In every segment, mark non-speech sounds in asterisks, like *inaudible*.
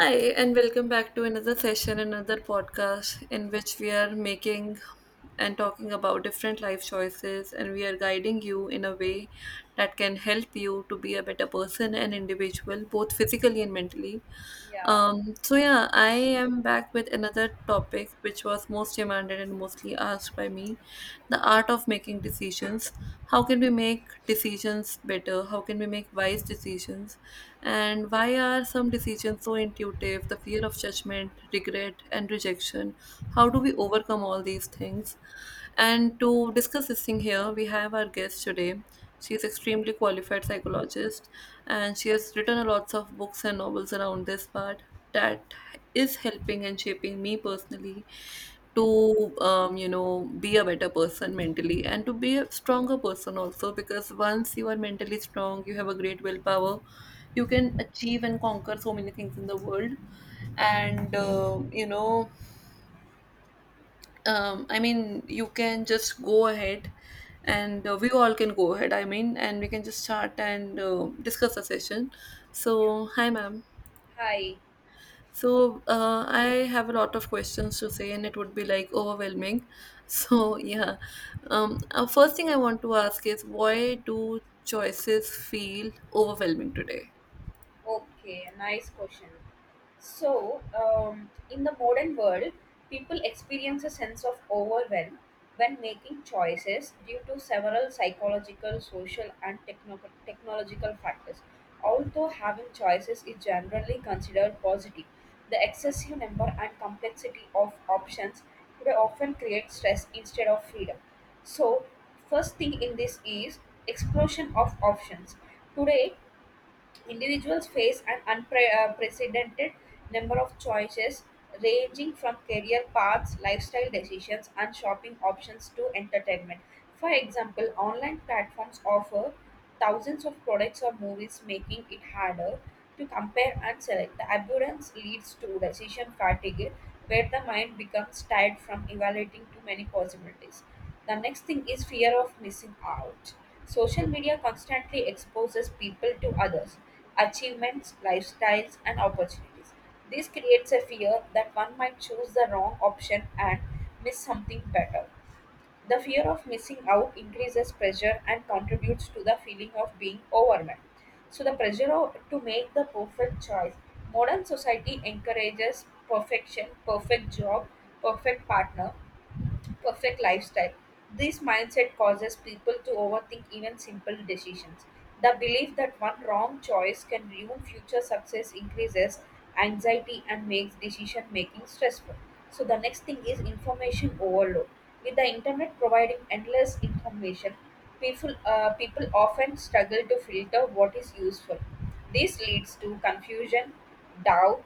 Hi, and welcome back to another session, another podcast in which we are making and talking about different life choices, and we are guiding you in a way that can help you to be a better person and individual, both physically and mentally. Yeah. So yeah, I am back with another topic which was most demanded and mostly asked by me, the art of making decisions. How can we make decisions better? How can we make wise decisions? And why are some decisions so intuitive? The fear of judgment, regret, and rejection. How do we overcome all these things? And to discuss this thing here, we have our guest today. She's extremely qualified psychologist, and she has written a lots of books and novels around this part that is helping and shaping me personally Yeah, to be a better person mentally, and to be a stronger person also, because once you are mentally strong you have a great willpower, you can achieve and conquer so many things in the world. And I mean, you can just go ahead, and we all can go ahead, I mean, and we can just start and discuss the session. yeah. So, hi, ma'am. Hi. So, I have a lot of questions to say, and it would be like overwhelming. *laughs* So, yeah. First thing I want to ask is why do choices feel overwhelming today? Okay, nice question. So, in the modern world, people experience a sense of overwhelm when making choices due to several psychological, social, and technological factors. Although having choices is generally considered positive, the excessive number and complexity of options today often create stress instead of freedom. So, first thing in this is explosion of options. Today, individuals face an unprecedented number of choices, ranging from career paths, lifestyle decisions, and shopping options to entertainment. For example, online platforms offer thousands of products or movies, making it harder to compare and select. The abundance leads to decision fatigue, where the mind becomes tired from evaluating too many possibilities. The next thing is fear of missing out. Social media constantly exposes people to others, achievements, lifestyles, and opportunities. This creates a fear that one might choose the wrong option and miss something better. The fear of missing out increases pressure and contributes to the feeling of being overwhelmed. So, the pressure to make the perfect choice. Modern society encourages perfection, perfect job, perfect partner, perfect lifestyle. This mindset causes people to overthink even simple decisions. The belief that one wrong choice can ruin future success increases anxiety and makes decision making stressful. So, the next thing is information overload. With the internet providing endless information, people often struggle to filter what is useful. This leads to confusion, doubt,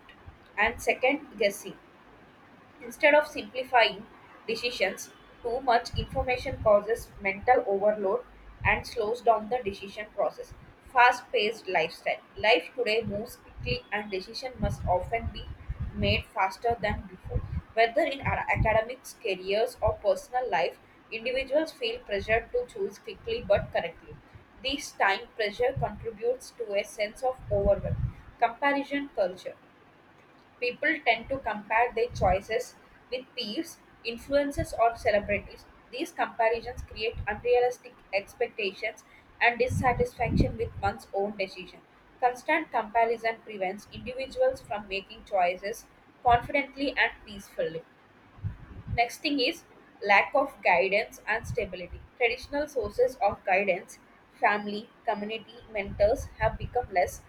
and second guessing. Instead of simplifying decisions, too much information causes mental overload and slows down the decision process. Fast paced lifestyle. Life today moves quickly and decision must often be made faster than before. Whether in our academics, careers, or personal life, individuals feel pressured to choose quickly but correctly. This time pressure contributes to a sense of overwhelm. Comparison culture. People tend to compare their choices with peers, influencers, or celebrities. These comparisons create unrealistic expectations and dissatisfaction with one's own decision. Constant comparison prevents individuals from making choices confidently and peacefully. Next thing is lack of guidance and stability. Traditional sources of guidance, family, community, mentors have become less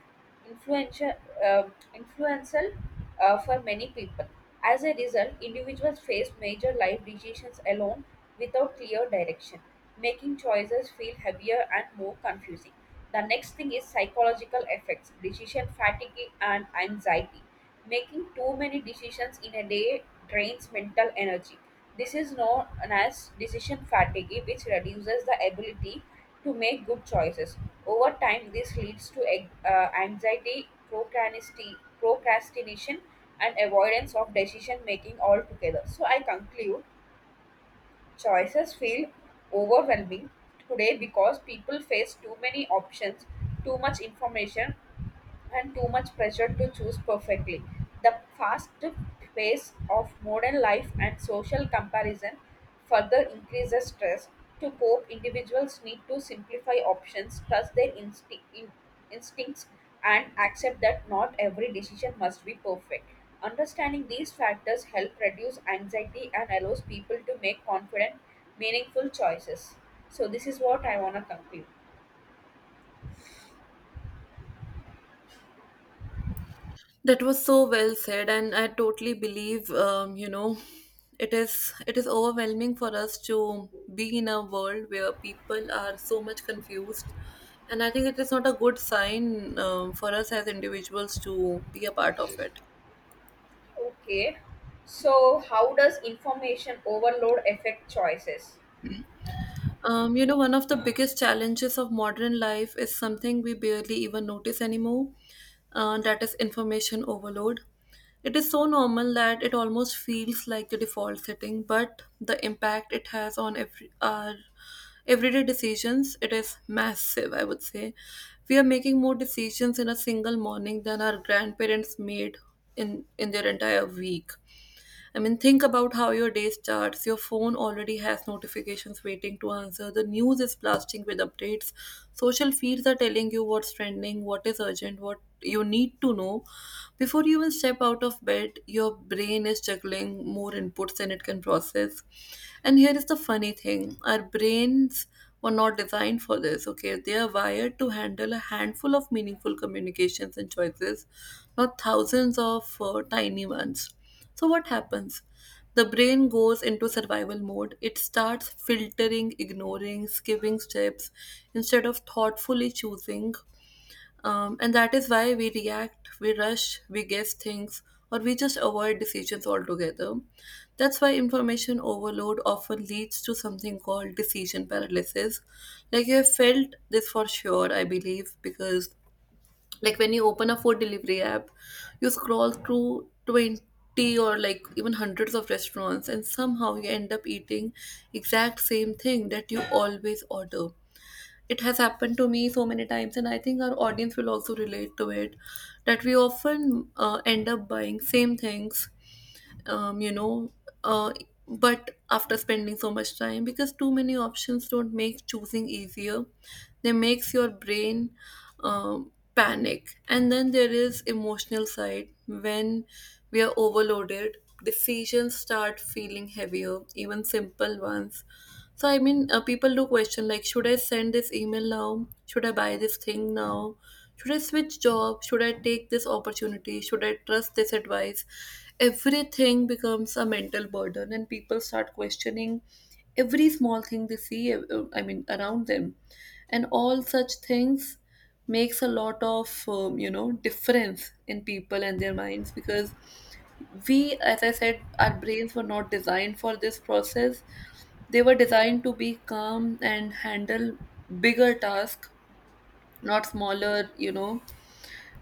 influential, uh, influential for many people. As a result, individuals face major life decisions alone without clear direction, making choices feel heavier and more confusing. The next thing is psychological effects, decision fatigue and anxiety. Making too many decisions in a day drains mental energy. This is known as decision fatigue, which reduces the ability to make good choices. Over time, this leads to anxiety, procrastination, and avoidance of decision making altogether. So, I conclude choices feel overwhelming today because people face too many options, too much information, and too much pressure to choose perfectly. The fast pace of modern life and social comparison further increases stress. To cope, individuals need to simplify options, trust their instincts, and accept that not every decision must be perfect. Understanding these factors help reduce anxiety and allows people to make confident, meaningful choices. So this is what I want to conclude. That was so well said, and I totally believe, it is overwhelming for us to be in a world where people are so much confused, and I think it is not a good sign for us as individuals to be a part of it. Okay. So, how does information overload affect choices? You know, one of the biggest challenges of modern life is something we barely even notice anymore, that is information overload. It is so normal that it almost feels like the default setting, but the impact it has on every, our everyday decisions, it is massive, I would say. We are making more decisions in a single morning than our grandparents made in their entire week. I mean, think about how your day starts. Your phone already has notifications waiting to answer. The news is blasting with updates. Social feeds are telling you what's trending, what is urgent, what you need to know. Before you even step out of bed, your brain is juggling more inputs than it can process. And here is the funny thing, our brains were not designed for this. Okay, they are wired to handle a handful of meaningful communications and choices, not thousands of tiny ones. So, what happens? The brain goes into survival mode. It starts filtering, ignoring, skipping steps instead of thoughtfully choosing, and that is why we react, we rush, we guess things, or we just avoid decisions altogether. That's why information overload often leads to something called decision paralysis. Like, you have felt this for sure, I believe, because, like, when you open a food delivery app, you scroll through 20 or like even hundreds of restaurants, and somehow you end up eating exact same thing that you always order. It has happened to me so many times, and I think our audience will also relate to it, that we often end up buying same things, um, you know uh, but after spending so much time, because too many options don't make choosing easier, they makes your brain panic. And then there is emotional side, when we are overloaded decisions start feeling heavier, even simple ones. So I mean, people do question like, should I send this email now? Should I buy this thing now? Should I switch job? Should I take this opportunity? Should I trust this advice? Everything becomes a mental burden, and people start questioning every small thing they see. I mean, around them, and all such things makes a lot of difference in people and their minds, because we, as I said, our brains were not designed for this process. They were designed to be calm and handle bigger tasks, not smaller,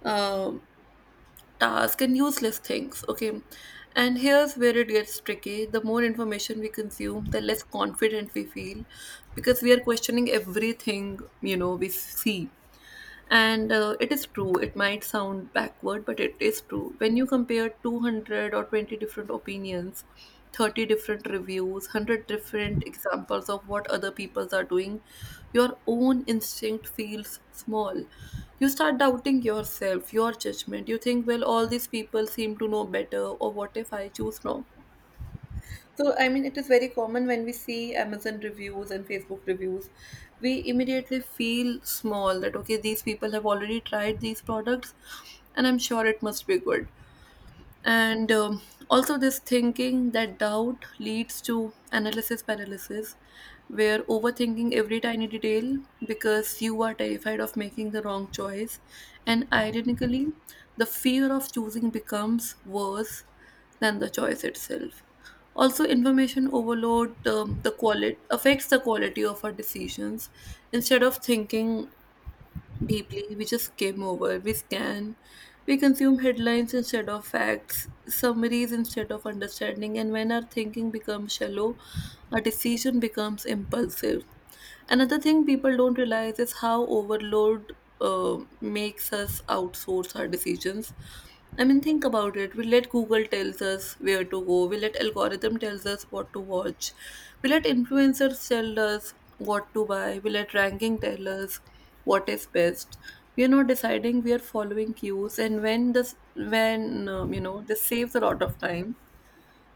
uh, tasks and useless things. Okay, and here's where it gets tricky, the more information we consume the less confident we feel, because we are questioning everything you know we see. And it is true, it might sound backward, but it is true. When you compare 200 or 20 different opinions, 30 different reviews, 100 different examples of what other people are doing, your own instinct feels small. You start doubting yourself, your judgment. You think, well, all these people seem to know better, or what if I choose wrong? So, I mean, it is very common when we see Amazon reviews and Facebook reviews, we immediately feel small that, okay, these people have already tried these products and I'm sure it must be good. And also this thinking, that doubt leads to analysis paralysis, where overthinking every tiny detail because you are terrified of making the wrong choice. And ironically, the fear of choosing becomes worse than the choice itself. Also, information overload, the quality affects the quality of our decisions. Instead of thinking deeply, we just skim over, we scan, we consume headlines instead of facts, summaries instead of understanding, and when our thinking becomes shallow, our decision becomes impulsive. Another thing people don't realize is how overload makes us outsource our decisions. I mean, think about it. We let Google tells us where to go. We let algorithm tells us what to watch. We let influencers tell us what to buy. We let ranking tell us what is best. We are not deciding. We are following cues, and when this, this saves a lot of time,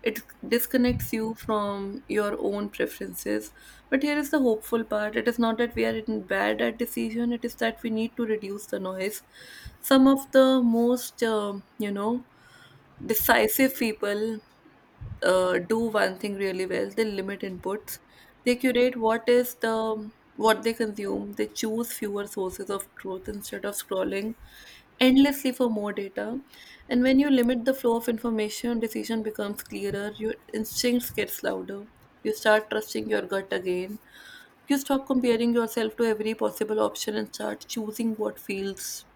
it disconnects you from your own preferences. But here is the hopeful part, it is not that we are in bad at decision, it is that we need to reduce the noise. Some of the most, decisive people do one thing really well, they limit inputs, they curate what they consume. They choose fewer sources of truth instead of scrolling endlessly for more data. And when you limit the flow of information, decision becomes clearer, your instincts gets louder. You start trusting your gut again. You stop comparing yourself to every possible option and start choosing what feels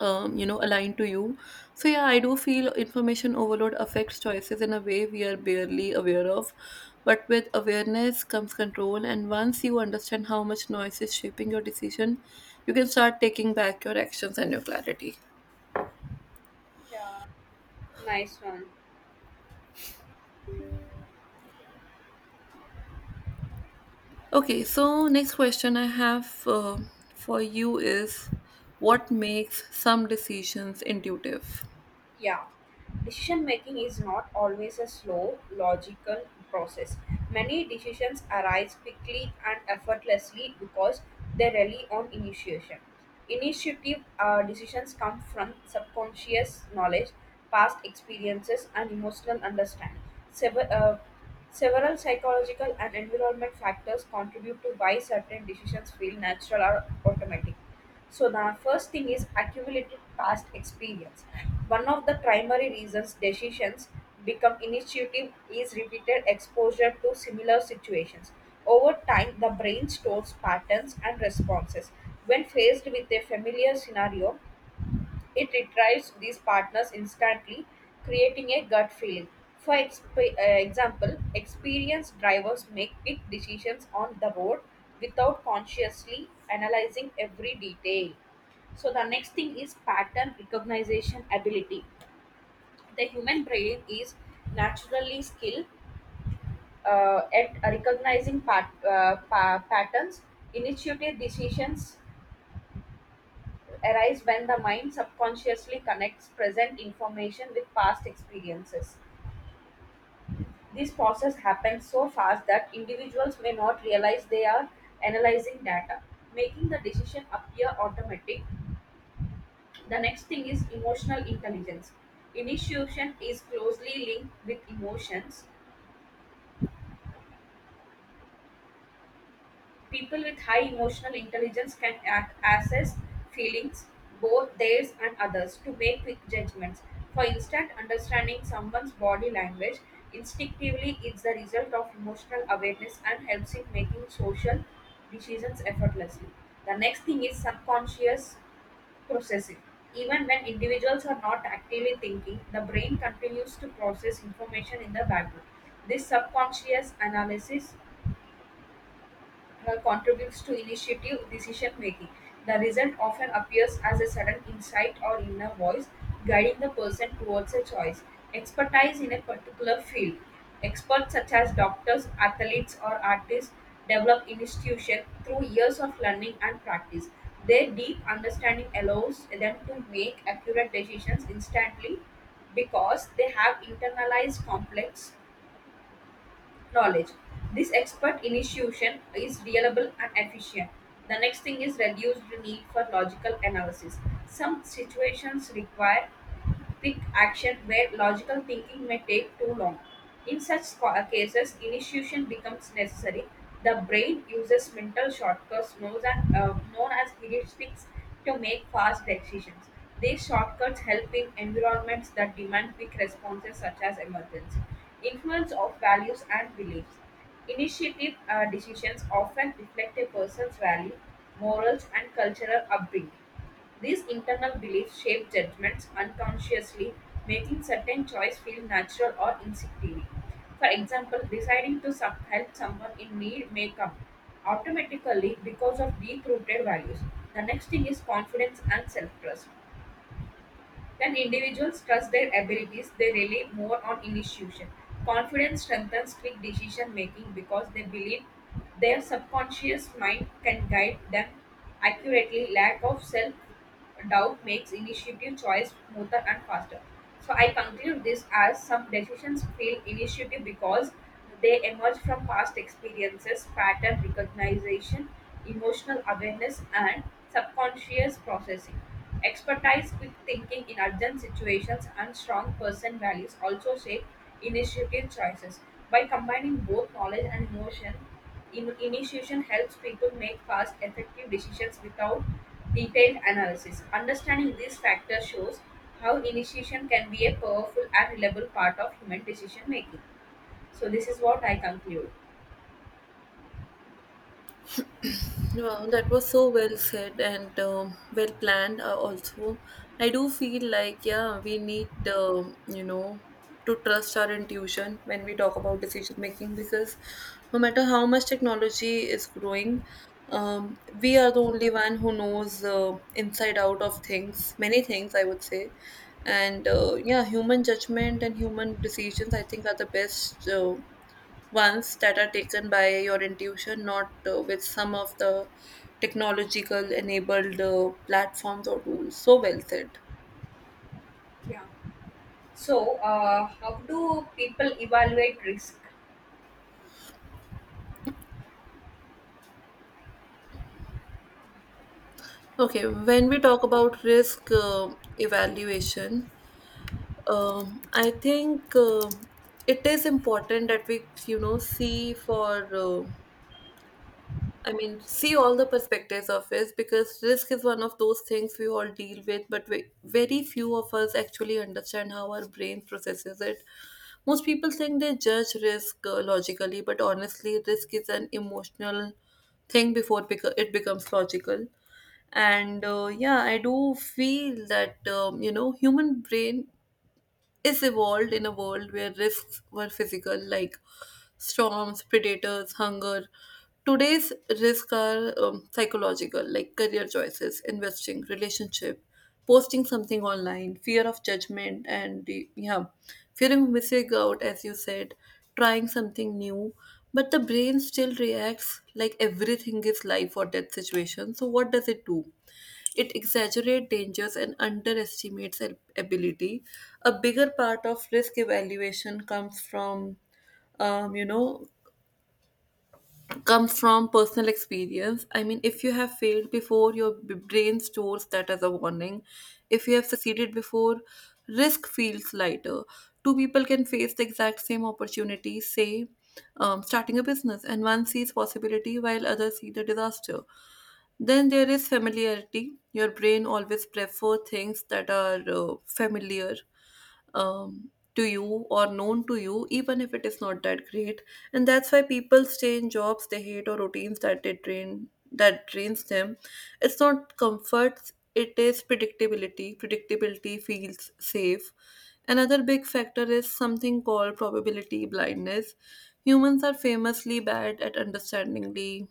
aligned to you. So yeah, I do feel information overload affects choices in a way we are barely aware of, but with awareness comes control, and once you understand how much noise is shaping your decision, you can start taking back your actions and your clarity. Yeah. Nice one. Okay, so next question I have for you is, what makes some decisions intuitive? Yeah, decision making is not always a slow, logical process. Many decisions arise quickly and effortlessly because they rely on initiation. Initiative decisions come from subconscious knowledge, past experiences, and emotional understanding. Sever- uh, Several psychological and environment factors contribute to why certain decisions feel natural or automatic. So the first thing is accumulated past experience. One of the primary reasons decisions become initiative is repeated exposure to similar situations. Over time, the brain stores patterns and responses. When faced with a familiar scenario, it retrieves these partners instantly, creating a gut feeling. For example, experienced drivers make quick decisions on the road without consciously analyzing every detail. So the next thing is pattern recognition ability. The human brain is naturally skilled at recognizing patterns, initiative decisions, arise when the mind subconsciously connects present information with past experiences. This process happens so fast that individuals may not realize they are analyzing data, making the decision appear automatic. The next thing is emotional intelligence. Initiation is closely linked with emotions. People with high emotional intelligence can assess feelings, both theirs and others, to make quick judgments. For instance, understanding someone's body language instinctively is the result of emotional awareness and helps in making social decisions effortlessly. The next thing is subconscious processing. Even when individuals are not actively thinking, the brain continues to process information in the background. This subconscious analysis contributes to initiative decision making. The result often appears as a sudden insight or inner voice guiding the person towards a choice. Expertise in a particular field. Experts such as doctors, athletes, or artists develop institution through years of learning and practice. Their deep understanding allows them to make accurate decisions instantly because they have internalized complex knowledge. This expert initiation is reliable and efficient. The next thing is reduced need for logical analysis. Some situations require quick action where logical thinking may take too long. In such cases, initiation becomes necessary. The brain uses mental shortcuts known as heuristics to make fast decisions. These shortcuts help in environments that demand quick responses, such as emergency. Influence of values and beliefs. Initiative decisions often reflect a person's value, morals, and cultural upbringing. These internal beliefs shape judgments unconsciously, making certain choice feel natural or instinctive. For example, deciding to help someone in need may come automatically because of deep-rooted values. The next thing is confidence and self-trust. When individuals trust their abilities, they rely more on intuition. Confidence strengthens quick decision making because they believe their subconscious mind can guide them accurately. Lack of self doubt makes initiative choice smoother and faster. So I conclude this as some decisions feel initiative because they emerge from past experiences, pattern recognition, emotional awareness, and subconscious processing. Expertise, quick thinking in urgent situations, and strong person values also shape initiative choices. By combining both knowledge and emotion, initiation helps people make fast, effective decisions without detailed analysis. Understanding these factors shows how initiation can be a powerful and reliable part of human decision making. So, this is what I conclude. Wow, that was so well said and well planned. Also, I do feel like yeah, we need to trust our intuition when we talk about decision making, because no matter how much technology is growing, we are the only one who knows inside out of things, many things I would say, and yeah, human judgment and human decisions I think are the best. Ones that are taken by your intuition, not with some of the technological enabled platforms or tools. So well said. Yeah. So, how do people evaluate risk? Okay, when we talk about risk evaluation, I think it is important that we, you know, I mean, see all the perspectives of risk, because risk is one of those things we all deal with, but we, very few of us actually understand how our brain processes it. Most people think they judge risk logically, but honestly, risk is an emotional thing before it becomes logical. And yeah, I do feel that human brain is evolved in a world where risks were physical, like storms, predators, hunger. Today's risks are psychological, like career choices, investing, relationship, posting something online, fear of judgment, and yeah, fear of missing out, as you said, trying something new. But the brain still reacts like everything is life or death situation. So, what does it do? It exaggerates dangers and underestimates ability. A bigger part of risk evaluation comes from, um, you know, comes from personal experience. I mean, if you have failed before, your brain stores that as a warning. If you have succeeded before, risk feels lighter. Two people can face the exact same opportunity, say, starting a business, and one sees possibility while others see the disaster. Then there is familiarity. Your brain always prefer things that are familiar um, to you or known to you, even if it is not that great. And that's why people stay in jobs they hate, or routines that they drain that drains them. It's not comfort; it is predictability. Predictability feels safe. Another big factor is something called probability blindness. Humans are famously bad at understanding the.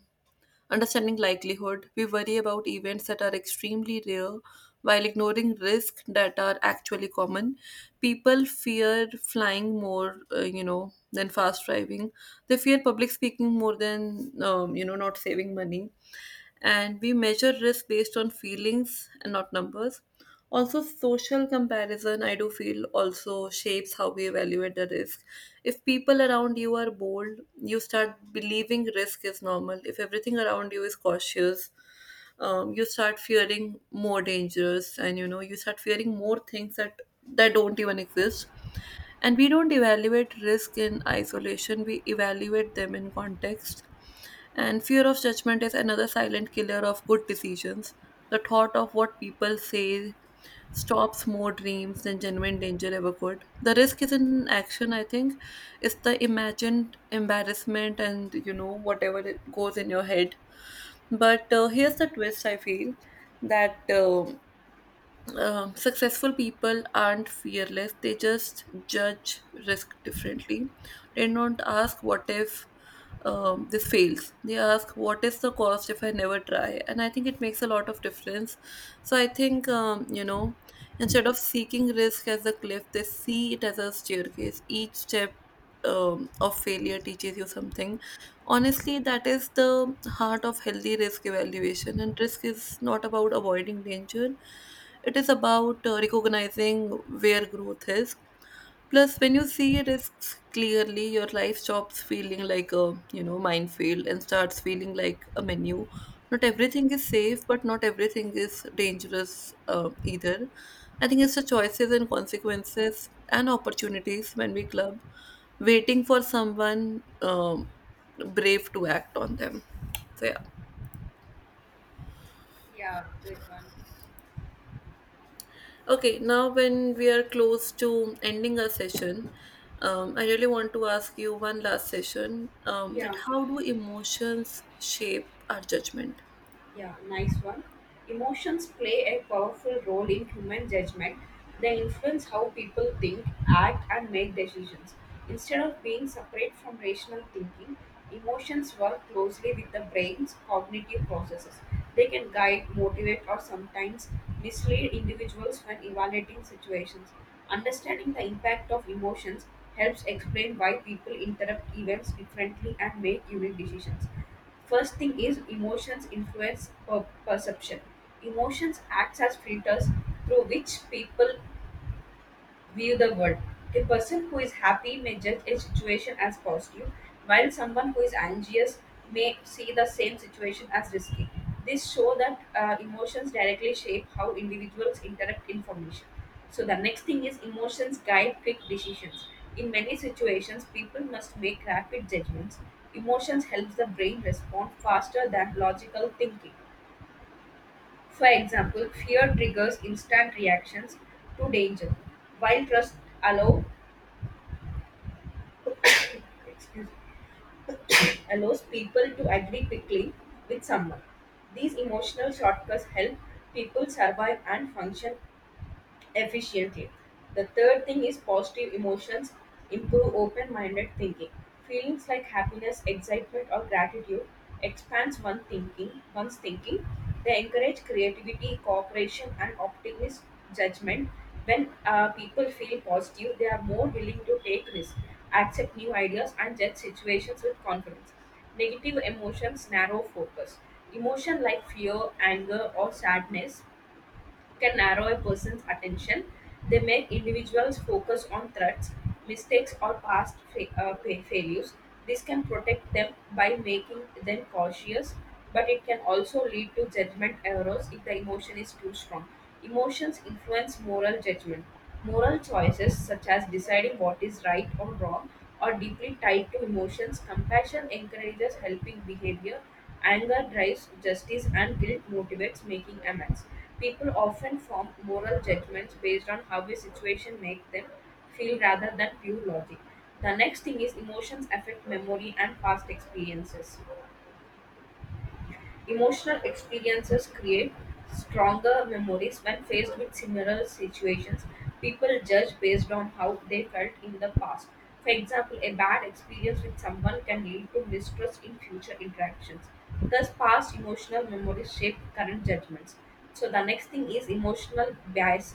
Understanding likelihood, we worry about events that are extremely rare while ignoring risks that are actually common. People fear flying more, than fast driving. They fear public speaking more than not saving money, and we measure risk based on feelings and not numbers. Also, social comparison, I do feel, also shapes how we evaluate the risk. If people around you are bold, you start believing risk is normal. If everything around you is cautious, you start fearing more dangers, and you start fearing more things that don't even exist. And we don't evaluate risk in isolation, we evaluate them in context. And fear of judgment is another silent killer of good decisions. The thought of what people say stops more dreams than genuine danger ever could. The risk isn't in action, I think. It's the imagined embarrassment and, you know, whatever it goes in your head. But here's the twist I feel that successful people aren't fearless. They just judge risk differently. They don't ask what if this fails. They ask what is the cost if I never try. And I think it makes a lot of difference. So I think, you know, instead of seeking risk as a cliff, they see it as a staircase. Each step of failure teaches you something. Honestly, that is the heart of healthy risk evaluation. And risk is not about avoiding danger, it is about recognizing where growth is. Plus, when you see risks clearly, your life stops feeling like a, you know, minefield and starts feeling like a menu. Not everything is safe, but not everything is dangerous, either. I think it's the choices and consequences and opportunities when we club, waiting for someone brave to act on them. So yeah. Yeah, good one. Okay, now when we are close to ending our session, I really want to ask you one last session, that Yeah. how do emotions shape our judgment? Yeah, nice one. Emotions play a powerful role in human judgment. They influence how people think, act, and make decisions. Instead of being separate from rational thinking, emotions work closely with the brain's cognitive processes. They can guide, motivate, or sometimes mislead individuals when evaluating situations. Understanding the impact of emotions helps explain why people interpret events differently and make unique decisions. First thing is emotions influence perception. Emotions acts as filters through which people view the world. A person who is happy may judge a situation as positive, while someone who is anxious may see the same situation as risky. This show that emotions directly shape how individuals interact information. So the next thing is emotions guide quick decisions. In many situations, people must make rapid judgments. Emotions helps the brain respond faster than logical thinking. For example, fear triggers instant reactions to danger, while trust allows. Excuse me, allows people to agree quickly with someone. These emotional shortcuts help people survive and function efficiently. The third thing is positive emotions improve open minded thinking. Feelings like happiness, excitement, or gratitude expands one thinking, one's thinking. They encourage creativity, cooperation, and optimist judgment. When people feel positive, they are more willing to take risks, accept new ideas, and judge situations with confidence. Negative emotions narrow focus. Emotion like fear, anger, or sadness can narrow a person's attention. They make individuals focus on threats, mistakes, or past failures. This can protect them by making them cautious, but it can also lead to judgment errors if the emotion is too strong. Emotions influence moral judgment. Moral choices, such as deciding what is right or wrong, are deeply tied to emotions. Compassion encourages helping behavior. Anger drives justice, and guilt motivates making amends. People often form moral judgments based on how a situation makes them feel rather than pure logic. The next thing is emotions affect memory and past experiences. Emotional experiences create stronger memories when faced with similar situations. People judge based on how they felt in the past. For example, a bad experience with someone can lead to mistrust in future interactions. Thus, past emotional memories shape current judgments. So, the next thing is emotional bias,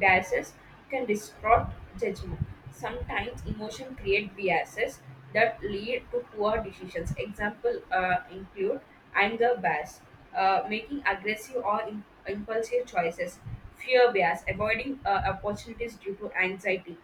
biases can distort judgment. Sometimes emotion create biases that lead to poor decisions. Example include anger bias, making aggressive or impulsive choices, fear bias, avoiding opportunities due to anxiety,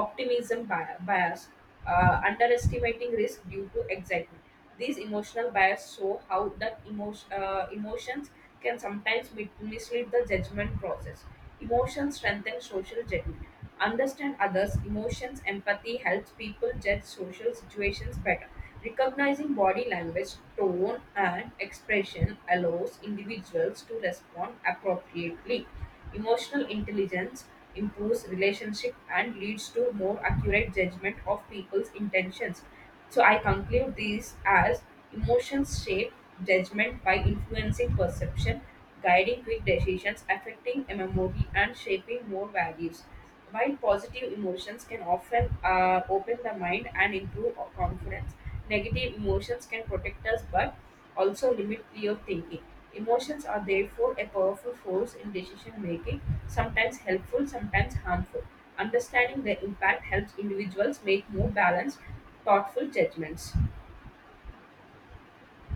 optimism bias, underestimating risk due to excitement. These emotional bias show how that emotions can sometimes mislead the judgment process. Emotions strengthen social judgment. Understand others' emotions, empathy helps people judge social situations better. Recognizing body language, tone, and expression allows individuals to respond appropriately. Emotional intelligence improves relationship and leads to more accurate judgment of people's intentions. So I conclude these as emotions shape judgment by influencing perception, guiding quick decisions, affecting memory, and shaping more values. While positive emotions can often open the mind and improve our confidence, negative emotions can protect us but also limit clear thinking. Emotions are therefore a powerful force in decision making, sometimes helpful, sometimes harmful. Understanding their impact helps individuals make more balanced thoughtful judgments.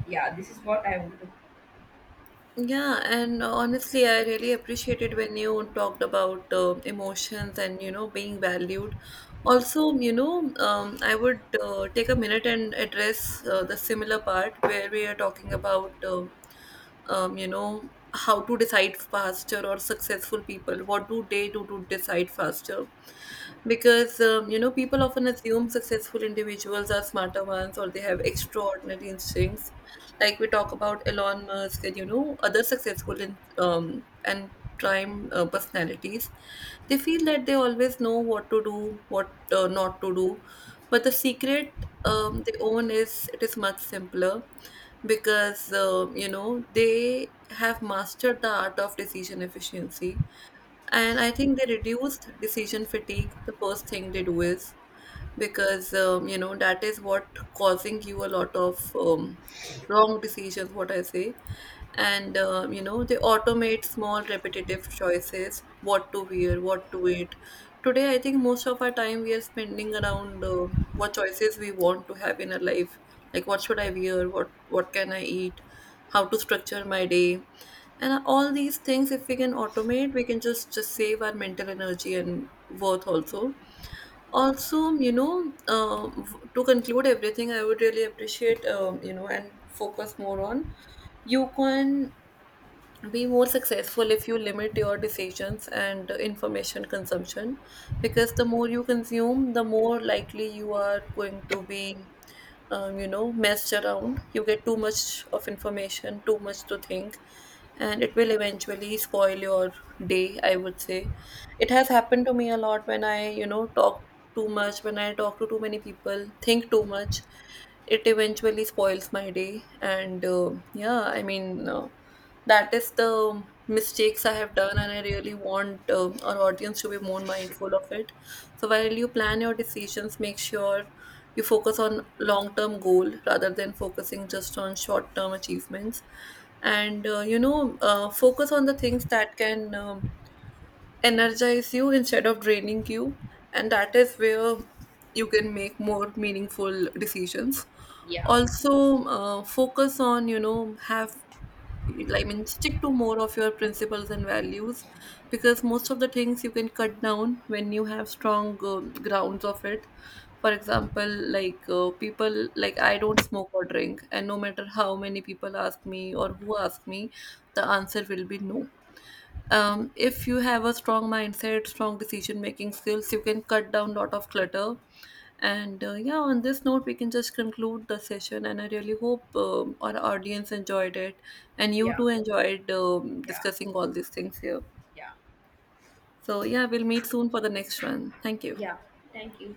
Yeah, this is what I want to. Yeah, and honestly, I really appreciated when you talked about emotions and, you know, being valued. Also, you know, I would take a minute and address the similar part where we are talking about, you know, how to decide faster, or successful people. What do they do to decide faster? Because, you know, people often assume successful individuals are smarter ones or they have extraordinary instincts, like we talk about Elon Musk and, you know, other successful in, and prime personalities, they feel that they always know what to do, what not to do. But the secret they own is it is much simpler, because, you know, they have mastered the art of decision efficiency, and I think they reduced decision fatigue. The first thing they do is, because, you know, that is what causing you a lot of, wrong decisions what I say. And, you know, they automate small repetitive choices, what to wear, what to eat. Today I think most of our time we are spending around what choices we want to have in our life, like what should I wear, what can I eat, how to structure my day. And all these things, if we can automate, we can just save our mental energy and worth also. Also, you know, to conclude everything, I would really appreciate, you know, and focus more on, you can be more successful if you limit your decisions and information consumption, because the more you consume, the more likely you are going to be, you know, messed around. You get too much of information, too much to think, and it will eventually spoil your day, I would say. It has happened to me a lot when I, you know, talk too much, when I talk to too many people, think too much, it eventually spoils my day. And yeah, I mean, that is the mistakes I have done, and I really want our audience to be more mindful of it. So while you plan your decisions, make sure you focus on long-term goal rather than focusing just on short-term achievements, and, focus on the things that can, energize you instead of draining you, and that is where you can make more meaningful decisions. Yeah, Also, focus on, you know, have, like, I mean, stick to more of your principles and values, because most of the things you can cut down when you have strong grounds of it. For example, like, people, like, I don't smoke or drink, and no matter how many people ask me or who ask me, the answer will be no. If you have a strong mindset, strong decision making skills, you can cut down lot of clutter. And yeah, on this note we can just conclude the session, and I really hope, our audience enjoyed it and you yeah, too enjoyed yeah, discussing all these things here. yeah, So yeah, we'll meet soon for the next one. Thank you. yeah. Thank you.